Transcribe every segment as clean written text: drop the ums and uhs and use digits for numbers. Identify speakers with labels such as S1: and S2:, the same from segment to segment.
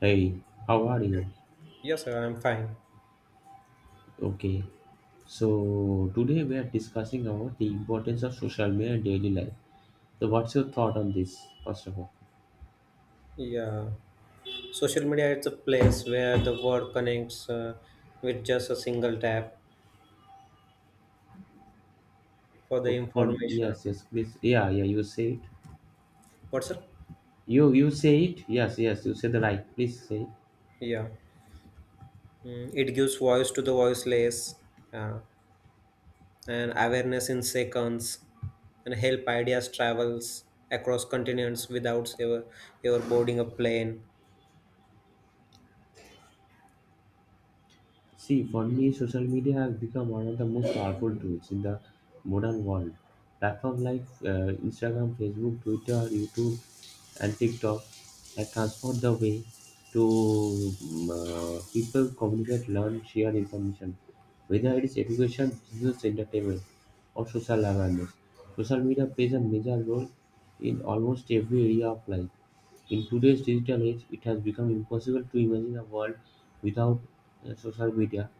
S1: Hey, how are you?
S2: Yes, sir, I'm fine.
S1: Okay, so today we are discussing about the importance of social media in daily life. So, what's your thought on this? First of all,
S2: Yeah, social media is a place where the world connects with just a single tap for the
S1: okay,
S2: information.
S1: yes, yes, please, yeah, yeah, you say it.
S2: What's up?
S1: You say it. Yes, yes, you say the right. Please say. It.
S2: Yeah. It gives voice to the voiceless, uh, and awareness in seconds, and help ideas travels across continents without ever boarding a plane.
S1: See, for me, social media has become one of the most powerful tools in the modern world. Platforms like Instagram, Facebook, Twitter, YouTube, and TikTok have transformed the way people communicate, learn, share information, whether it is education, business, entertainment, or social awareness. Social media plays a major role in almost every area of life. In today's digital age, it has become impossible to imagine a world without social media.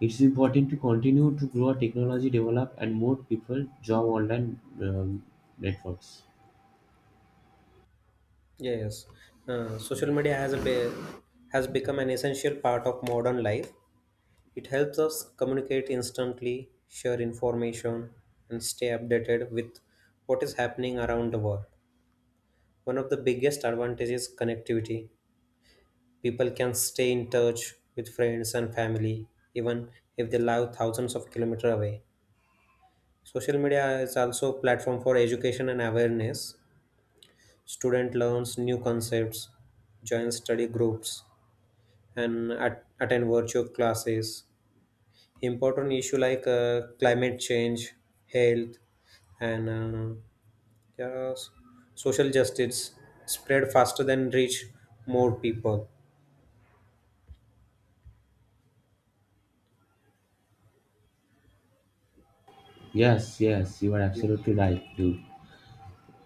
S1: It's important to continue to grow our technology, develop, and more people join online networks.
S2: Yes, social media has become an essential part of modern life. It helps us communicate instantly, share information, and stay updated with what is happening around the world. One of the biggest advantages is connectivity. People can stay in touch with friends and family even if they live thousands of kilometers away. Social media is also a platform for education and awareness. Student learns new concepts, joins study groups, and attend virtual classes important issue like climate change, health, and yeah, social justice spread faster than reach more people.
S1: Yes, yes, you are absolutely right, dude.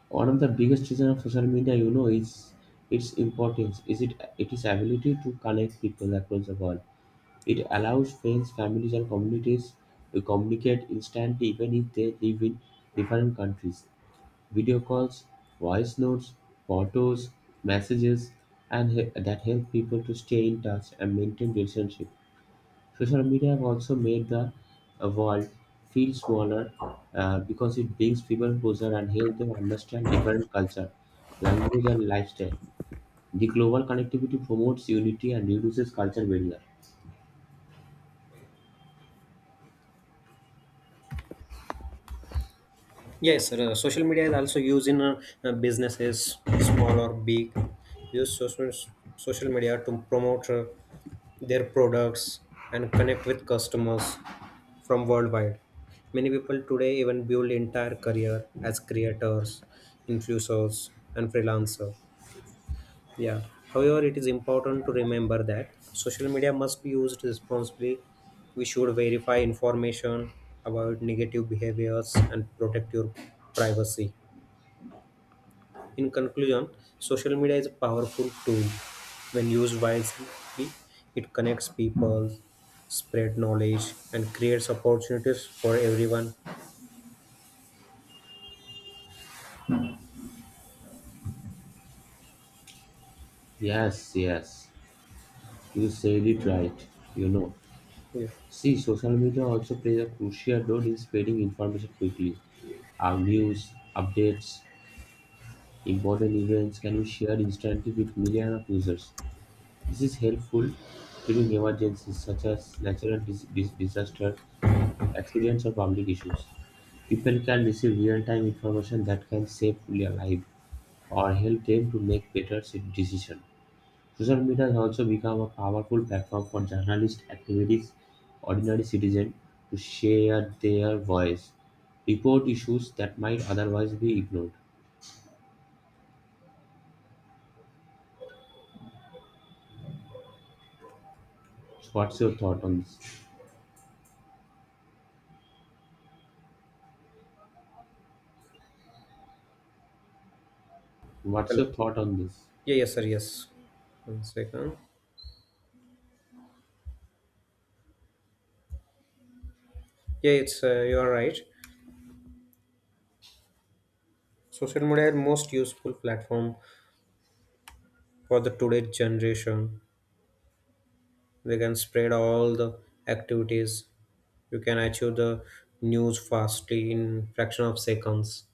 S1: One of the biggest reason of social media, you know, is its importance. Is it it is ability to connect people across the world. It allows friends, families, and communities to communicate instantly, even if they live in different countries. Video calls, voice notes, photos, messages, and that help people to stay in touch and maintain relationship. Social media have also made the world feel smaller because it brings people closer and helps them understand different culture, language, and lifestyle. The global connectivity promotes unity and reduces culture barrier.
S2: Yes, sir. Social media is also used in businesses, small or big. Use social media to promote their products and connect with customers from worldwide. Many people today even build entire career as creators, influencers, and freelancers. Yeah. However, it is important to remember that social media must be used responsibly. We should verify information, avoid negative behaviors, and protect your privacy. In conclusion, social media is a powerful tool. When used wisely, it connects people, spread knowledge, and creates opportunities for everyone.
S1: Yes, yes, you said it right. You know,
S2: Yeah.
S1: see, social media also plays a crucial role in spreading information quickly. Our news, updates, important events can be shared instantly with millions of users. This is helpful during emergencies such as natural disaster, accidents, or public issues. People can receive real-time information that can save their life or help them to make better decisions. Social media has also become a powerful platform for journalists, activities, ordinary citizens to share their voice, report issues that might otherwise be ignored. So what's your thought on this? What's
S2: Hello.
S1: your thought on this?
S2: Yeah, yes, sir. Yes. One second. Yeah, it's you are right. Social media is most useful platform for the today's generation. They can spread all the activities. You can achieve the news fastly in fraction of seconds.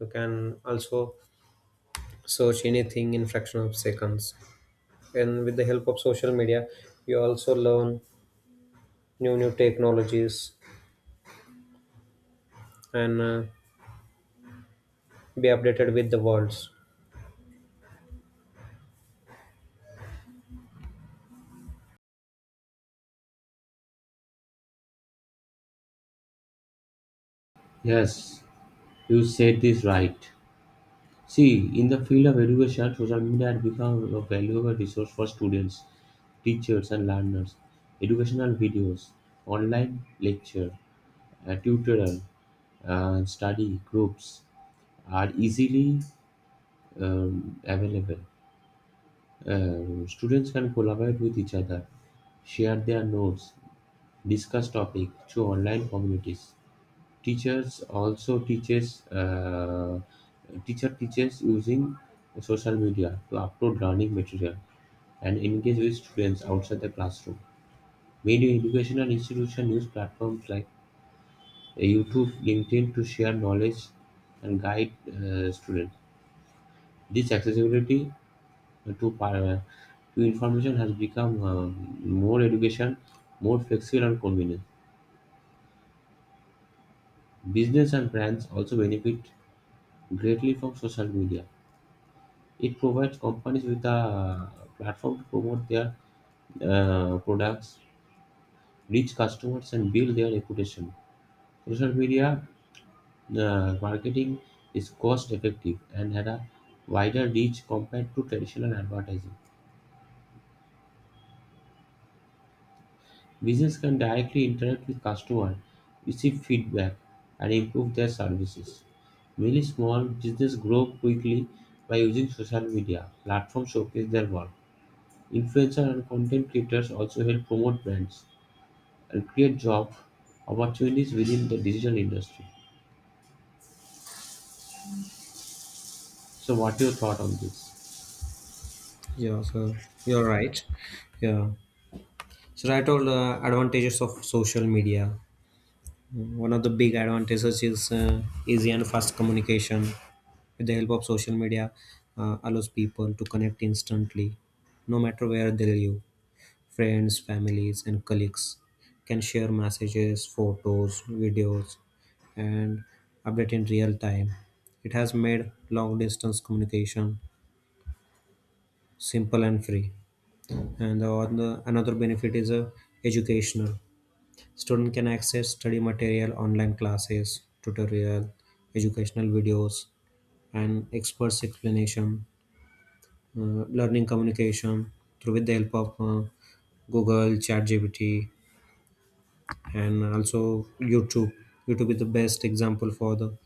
S2: You can also search anything in fraction of seconds, and with the help of social media you also learn new technologies and be updated with the worlds.
S1: Yes, you said this right. See, in the field of education, social media had become a valuable resource for students, teachers, and learners. Educational videos, online lecture, tutorial, study groups are easily available. Students can collaborate with each other, share their notes, discuss topics through online communities. Teachers also teaches uh, teacher teaches using social media to upload learning material and engage with students outside the classroom. Many educational institutions use platforms like YouTube, LinkedIn to share knowledge and guide students. This accessibility to par- to information has become more education, more flexible and convenient. Business and brands also benefit greatly from social media. It provides companies with a platform to promote their products, reach customers, and build their reputation. Social media marketing is cost effective and had a wider reach compared to traditional advertising. Business can directly interact with customers, receive feedback, and improve their services. Many small businesses grow quickly by using social media platforms showcase their work. Influencer and content creators also help promote brands and create job opportunities within the digital industry. So, what your thought on this?
S2: Yeah, so you're right. Yeah, so right all the advantages of social media. One of the big advantages is easy and fast communication. With the help of social media, allows people to connect instantly, no matter where they live. Friends, families, and colleagues can share messages, photos, videos, and update in real time. It has made long distance communication simple and free. And another benefit is educational. Student can access study material, online classes, tutorial, educational videos, and experts explanation, learning communication through with the help of Google, ChatGPT, and also YouTube. YouTube is the best example for the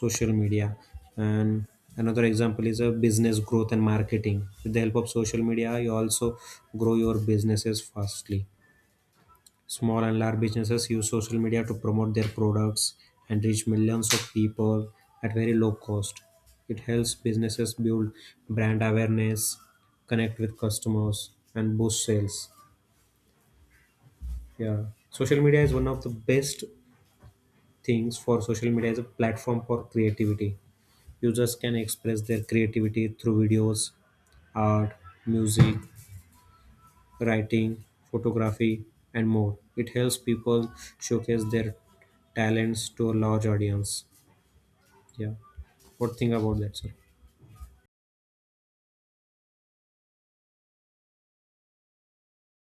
S2: social media. And another example is a business growth and marketing. With the help of social media, you also grow your businesses fastly. Small and large businesses use social media to promote their products and reach millions of people at very low cost. It helps businesses build brand awareness, connect with customers, and boost sales. Yeah. Social media is one of the best things for social media as a platform for creativity. Users can express their creativity through videos, art, music, writing, photography, and more. It helps people showcase their talents to a large audience. Yeah. What think about that, sir?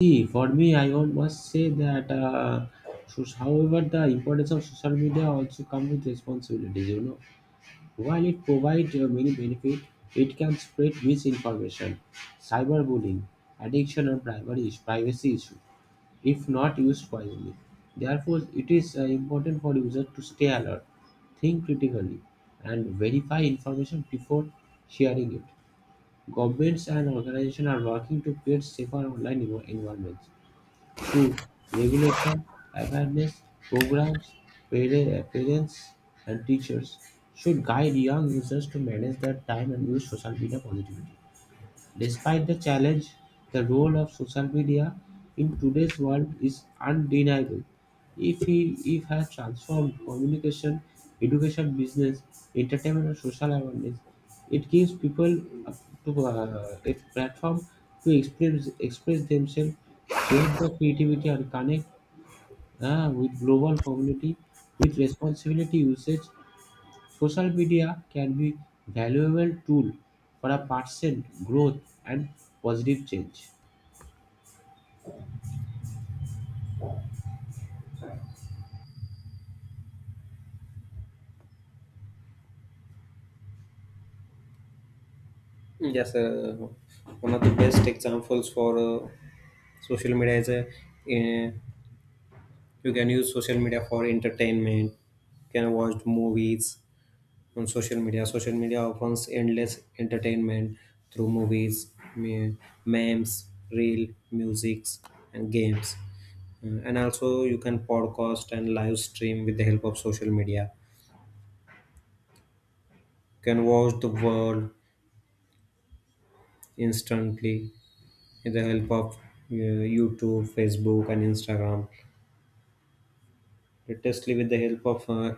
S1: See, for me, I would must say that, however, the importance of social media also comes with responsibilities. You know, while it provides many benefits, it can spread misinformation, cyberbullying, addiction, and privacy issues if not used wisely. Therefore, it is important for users to stay alert, think critically, and verify information before sharing it. Governments and organizations are working to create safer online environments through regulation, awareness programs, parents, and teachers should guide young users to manage their time and use social media positively. Despite the challenge, the role of social media in today's world is undeniable. If he if has transformed communication, education, business, entertainment, and social awareness, it gives people a, a platform to express themselves, share their creativity, and connect with global community with responsibility usage. Social media can be valuable tool for a person growth and positive change.
S2: Yes, one of the best examples for social media is eh, you can use social media for entertainment. You can watch movies, on social media. Social media offers endless entertainment through movies, memes, reel, musics, and games. And also, you can podcast and live stream with the help of social media. You can watch the world instantly with the help of YouTube, Facebook, and Instagram. Latestly, with the help of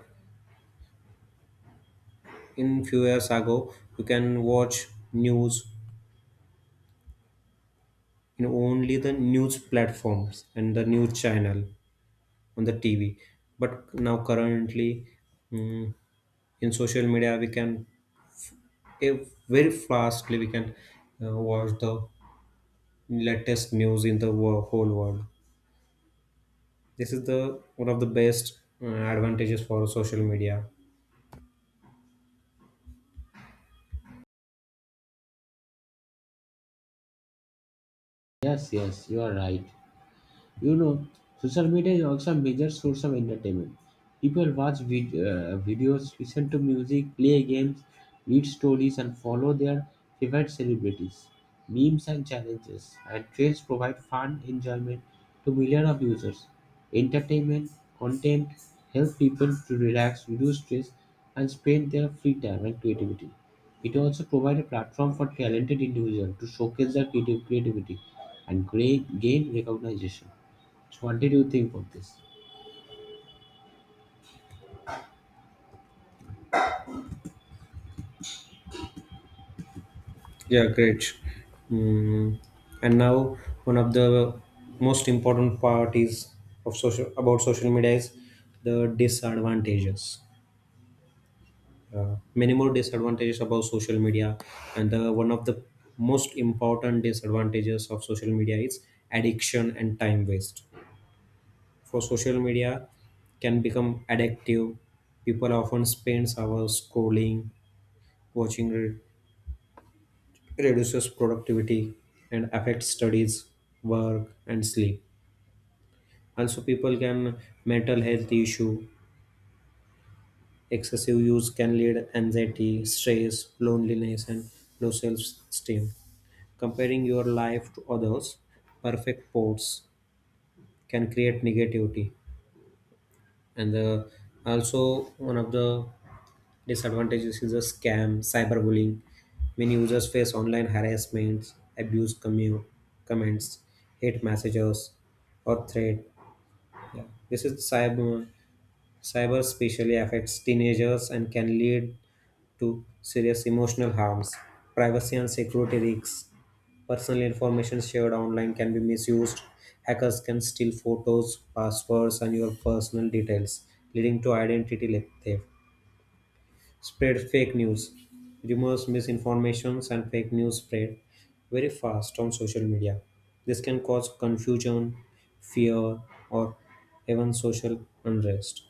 S2: in few years ago, you can watch news in only the news platforms and the news channel on the TV. But now currently, mm, in social media, we can if very fastly we can watch the latest news in the whole world. This is the one of the best advantages for social media.
S1: Yes, yes, you are right. You know, social media is also a major source of entertainment. People watch videos, listen to music, play games, read stories, and follow their favorite celebrities. Memes and challenges and trends provide fun enjoyment to millions of users. Entertainment content help people to relax, reduce stress, and spend their free time and creativity. It also provides a platform for talented individuals to showcase their creative creativity and gain recognition. So, what did you think of this?
S2: Yeah, great. Mm, and now one of the most important part is of social about social media is the disadvantages. Many more disadvantages about social media, and one of the most important disadvantages of social media is addiction and time waste for social media can become addictive. People often spend hours scrolling, watching, reduces productivity, and affects studies, work, and sleep. Also, people can mental health issue. Excessive use can lead anxiety, stress, loneliness, and low self-esteem. Comparing your life to others' perfect posts can create negativity. And also, one of the disadvantages is a scam, cyberbullying. Many users face online harassment, abuse comments, hate messages, or threat. Yeah. This is cyber especially affects teenagers and can lead to serious emotional harms, privacy and security risks. Personal information shared online can be misused. Hackers can steal photos, passwords, and your personal details, leading to identity theft. Spread fake news. Rumors, misinformations, and fake news spread very fast on social media. This can cause confusion, fear, or even social unrest.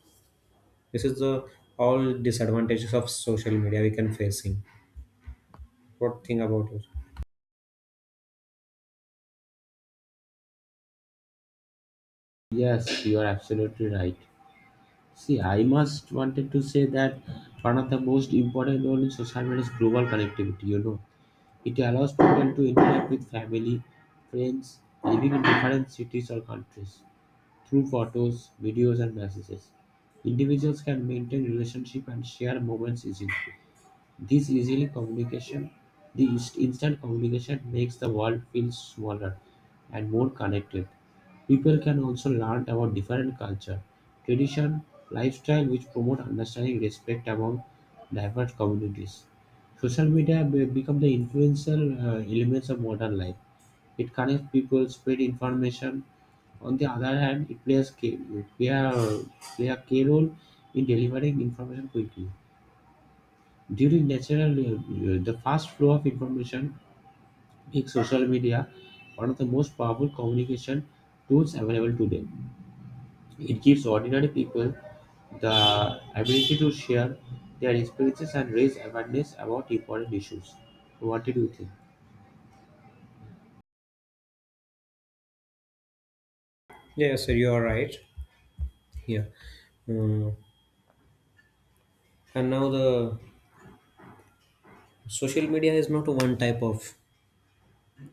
S2: This is the all disadvantages of social media we can facing. What think about it?
S1: Yes, you are absolutely right. See, I must wanted to say that one of the most important role in social media is global connectivity. You know, it allows people to interact with family, friends living in different cities or countries through photos, videos, and messages. Individuals can maintain relationship and share moments easily. This easily communication, the instant communication makes the world feel smaller and more connected. People can also learn about different culture, tradition, lifestyle, which promote understanding, respect among diverse communities. Social media become the influential elements of modern life. It connects people, spread information. On the other hand, it play a, play a key role in delivering information quickly during natural, the fast flow of information makes social media one of the most powerful communication tools available today. It gives ordinary people the ability to share their experiences and raise awareness about important issues. What did you think?
S2: Yes, sir, you are right. Yeah. Uh, and now the social media is not one type of,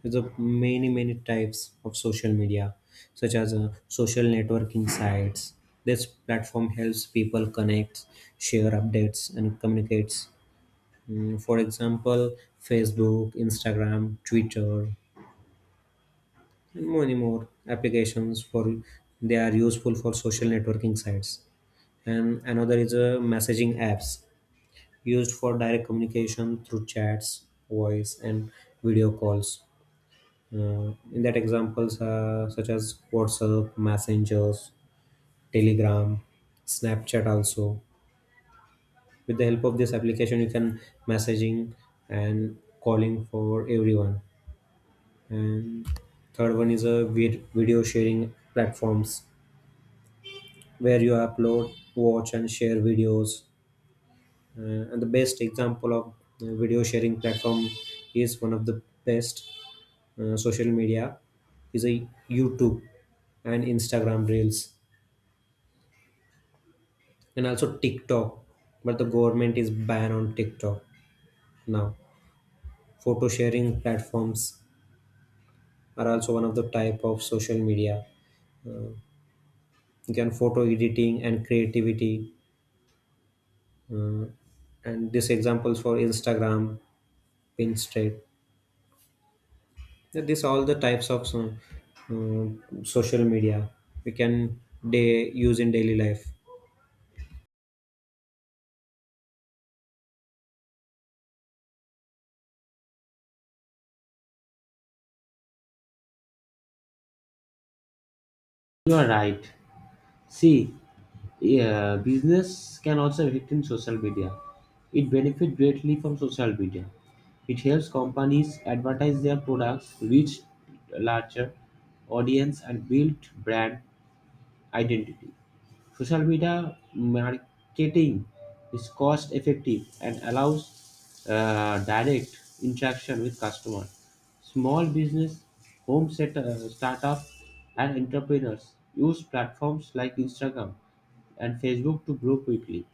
S2: there's a many many types of social media such as social networking sites. This platform helps people connect, share updates, and communicates. For example, Facebook, Instagram, Twitter, and many more applications for they are useful for social networking sites. And another is a messaging apps used for direct communication through chats, voice, and video calls. In that examples such as WhatsApp, Messengers, Telegram, Snapchat also. With the help of this application, you can messaging and calling for everyone. And third one is a video sharing platforms where you upload, watch, and share videos. Uh, and the best example of video sharing platform is one of the best social media is a YouTube and Instagram Reels and also TikTok. But the government is ban on TikTok now. Photo sharing platforms are also one of the type of social media. You can photo editing and creativity, uh, and this examples for Instagram, Pinterest. This all the types of uh, social media we can day use in daily life.
S1: You are right. See, yeah, business can also affect in social media. It benefits greatly from social media. It helps companies advertise their products, reach larger audience, and build brand identity. Social media marketing is cost effective and allows direct interaction with customers. Small business, startup, and entrepreneurs use platforms like Instagram and Facebook to grow quickly.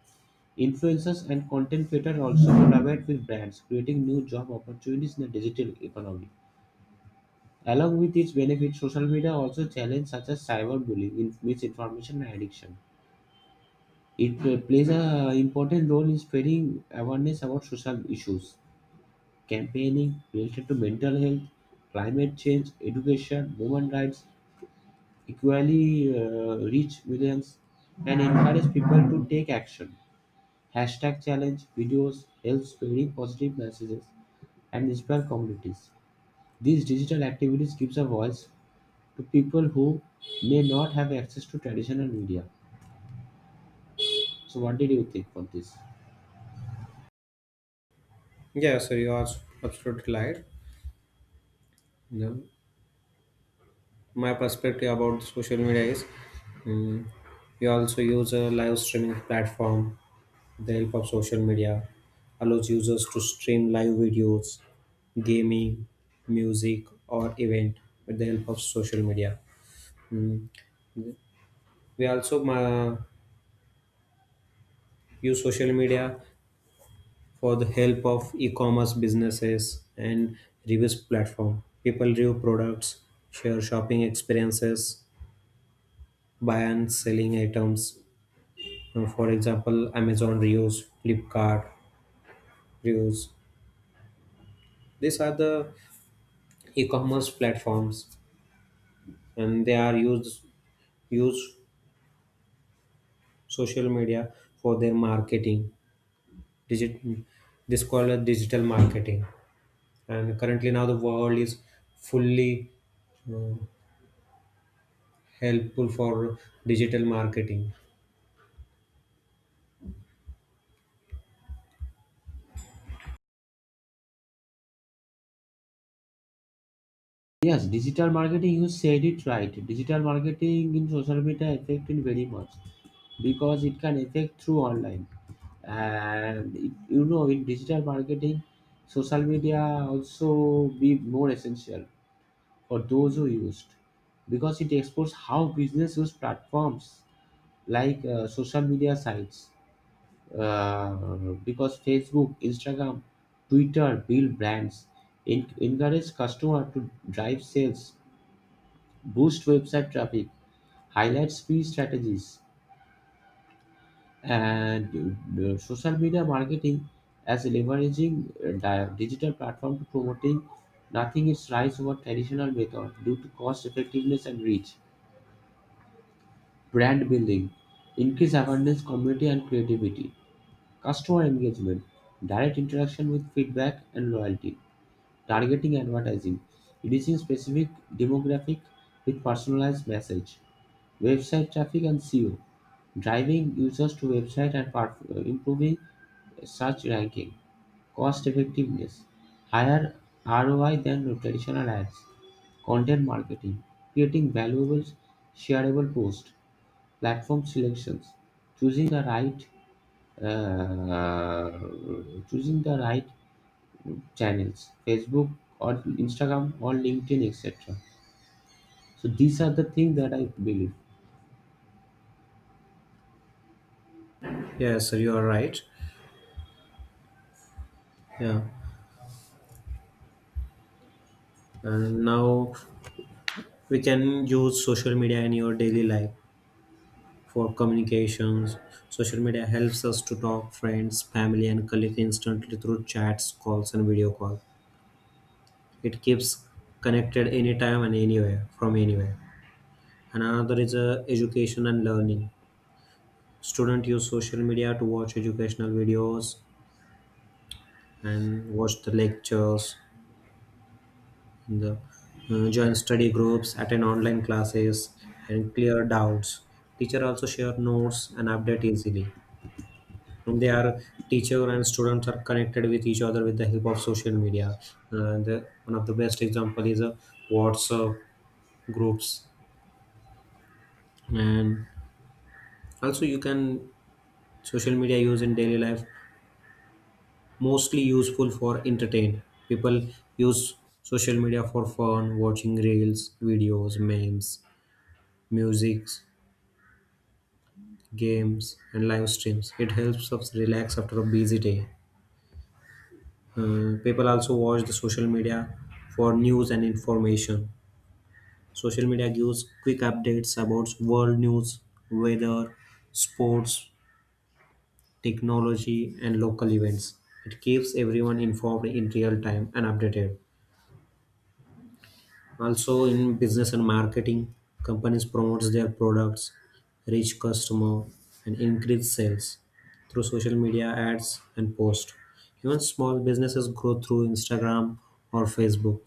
S1: Influencers and content creators also collaborate with brands, creating new job opportunities in the digital economy. Along with its benefits, social media also challenges such as cyberbullying, misinformation, and addiction. It plays an important role in spreading awareness about social issues, campaigning related to mental health, climate change, education, women rights, equally reach millions, and encourage people to take action. Hashtag challenge videos helps spreading positive messages and inspire communities. These digital activities gives a voice to people who may not have access to traditional media. So what did you think on this?
S2: Yeah, so you are absolutely right. Yeah. My perspective about social media is, mm we also use a live streaming platform with the help of social media, allows users to stream live videos, gaming, music, or event with the help of social media. Mm. We also use social media for the help of e-commerce businesses and reviews platform. People review products, share shopping experiences, buy and selling items. For example, Amazon Reuse, Flipkart Reuse. These are the e-commerce platforms, and they are use social media for their marketing. Digit this called as digital marketing, and currently now the world is fully uh, helpful for digital marketing.
S1: Yes, digital marketing, you said it right. Digital marketing in social media affected very much because it can affect through online. And it, you know, in digital marketing, social media also be more essential or those who used because it explores how business use platforms like social media sites uh, because facebook instagram twitter build brands encourage customer to drive sales boost website traffic highlight speed strategies and social media marketing as leveraging digital platform to promoting nothing is rise over traditional method due to cost effectiveness and reach brand building, increase awareness, community and creativity, customer engagement, direct interaction with feedback and loyalty, targeting advertising, reaching specific demographic with personalized message, website traffic and SEO, driving users to website and improving search ranking, cost effectiveness, higher ROI than traditional ads, content marketing, creating valuable shareable posts, platform selections, choosing the right uh, choosing the right channels facebook or instagram or linkedin etc. So these are the things that I believe.
S2: Yes, sir, you are right. Yeah, and now we can use social media in your daily life for communications. Social media helps us to talk friends, family, and colleagues instantly through chats, calls, and video call. It keeps connected anytime and anywhere from anywhere. And another is education and learning. Students use social media to watch educational videos and watch the lectures, and join study groups, attend online classes, and clear doubts. Teacher also share notes and update easily. Their teacher and students are connected with each other with the help of social media. And one of the best example is WhatsApp groups. And also you can social media use in daily life mostly useful for entertain. People use social media for fun, watching reels, videos, memes, music, games, and live streams. It helps us relax after a busy day. People also watch the social media for news and information. Social media gives quick updates about world news, weather, sports, technology, and local events. It keeps everyone informed in real time and updated. Also, in business and marketing, companies promotes their products, reach customer, and increase sales through social media ads and post. Even small businesses grow through Instagram or Facebook.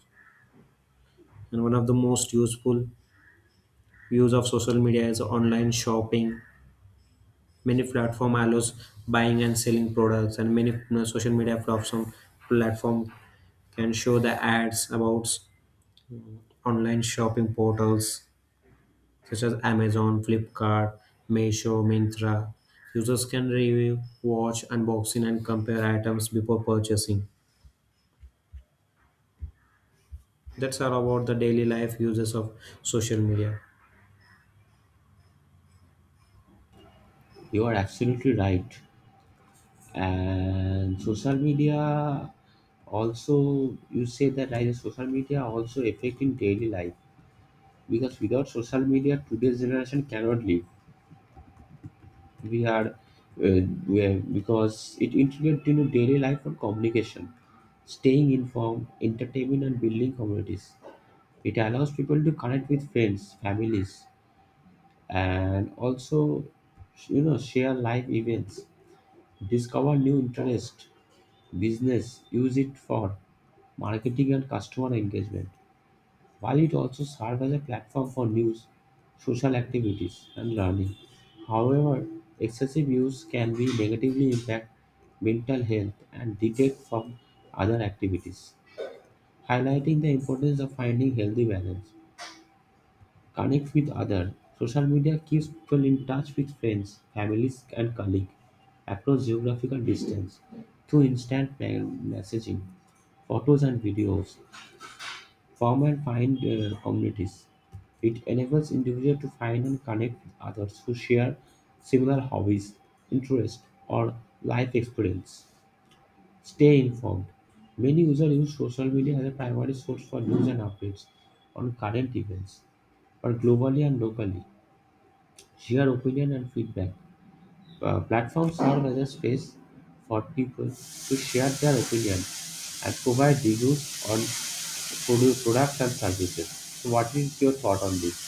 S2: And one of the most useful use of social media is online shopping. Many platform allows buying and selling products, and many you social media platform can show the ads about online shopping portals such as Amazon, Flipkart, Meesho, Myntra. Users can review, watch, unboxing, and compare items before purchasing. That's all about the daily life uses of social media.
S1: You are absolutely right and social media also you say that right social media also affecting daily life because without social media today's generation cannot live. we are uh, because it integrates into daily life and communication staying informed entertainment and building communities. It allows people to connect with friends, families, and also you know share life events, discover new interest, business, use it for marketing and customer engagement. While it also serves as a platform for news, social activities, and learning. However, excessive use can be negatively impact mental health and detract from other activities, highlighting the importance of finding healthy balance. Connect with others. Social media keeps people in touch with friends, families, and colleagues across geographical distance through instant messaging, photos, and videos. Form and find communities. It enables individuals to find and connect with others who share similar hobbies, interests, or life experience. Stay informed. Many users use social media as a primary source for news and updates on current events, but globally and locally. Share opinion and feedback. Platforms serve as a space for people to share their opinion and provide reviews on products and services. So, what is your thought on this?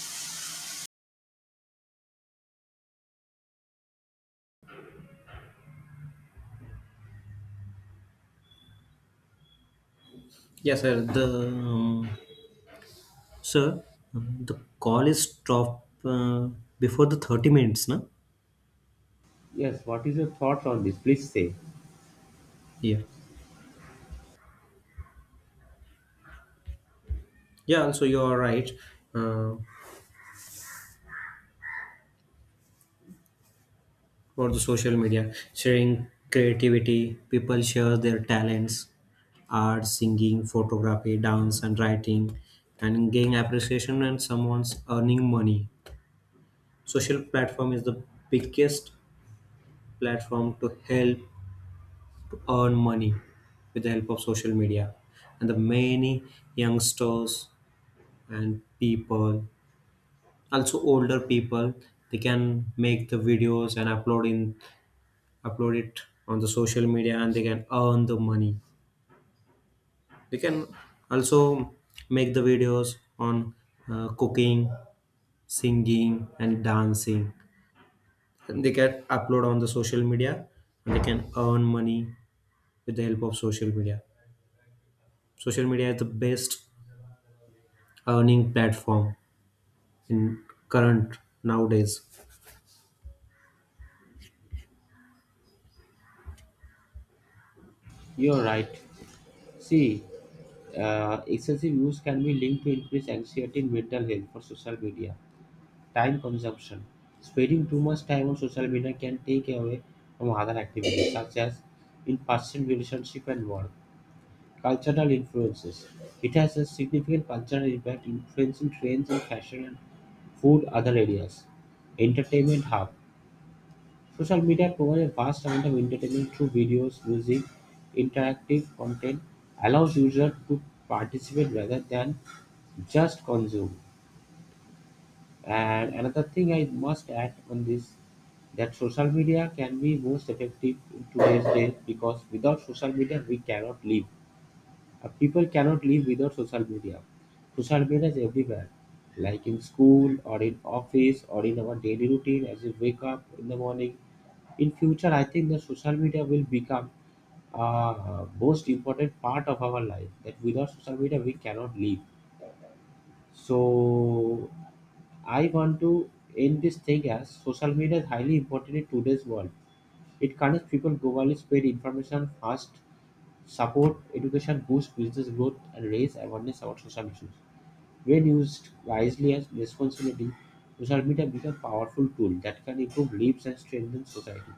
S2: Yes, sir. The Sir, the call is stopped before the 30 minutes, na?
S1: Yes, what is your thought on this? Please say.
S2: Yeah. Yeah, also you are right uh, for the social media, sharing creativity, people share their talents, art, singing, photography, dance, and writing, and gain appreciation and someone's earning money. Social platform is the biggest platform to help to earn money with the help of social media. And the many youngsters and people, also older people, they can make the videos and upload it on the social media, and they can earn the money. They can also make the videos on cooking, singing, and dancing, and they can upload on the social media, and they can earn money with the help of social media. Social media is the best earning platform in current nowadays.
S1: You're right. See, excessive use can be linked to increased anxiety and mental health for social media. Time consumption. Spending too much time on social media can take away from other activities such as in person relationship and work. Cultural influences: it has a significant cultural impact influencing trends in fashion and food other areas. Entertainment hub. Social media provides a vast amount of entertainment through videos, music, interactive content, allows users to participate rather than just consume. And another thing I must add on this that social media can be most effective in today's day because without social media we cannot live. People cannot live without social media. Social media is everywhere, like in school or in office or in our daily routine as we wake up in the morning. In future, I think the social media will become a most important part of our life. That without social media we cannot live. So I want to end this thing as social media is highly important in today's world. It connects people globally, spread information fast, support education, boost business growth, and raise awareness about social issues. When used wisely and responsibly, social media becomes a powerful tool that can improve lives and strengthen society.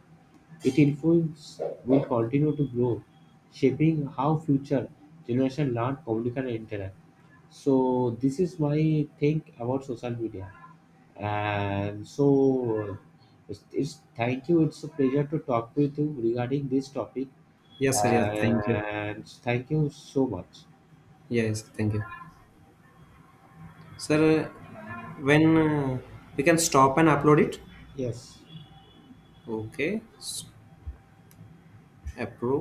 S1: Its influence will continue to grow, shaping how future generations learn, communicate, and interact. So this is my think about social media. And so it's thank you. It's a pleasure to talk with you regarding this topic.
S2: Yes, sir, yes, thank you.
S1: And thank you so much.
S2: Yes, thank you. Sir, when we can stop and upload it?
S1: Yes.
S2: Okay, approve.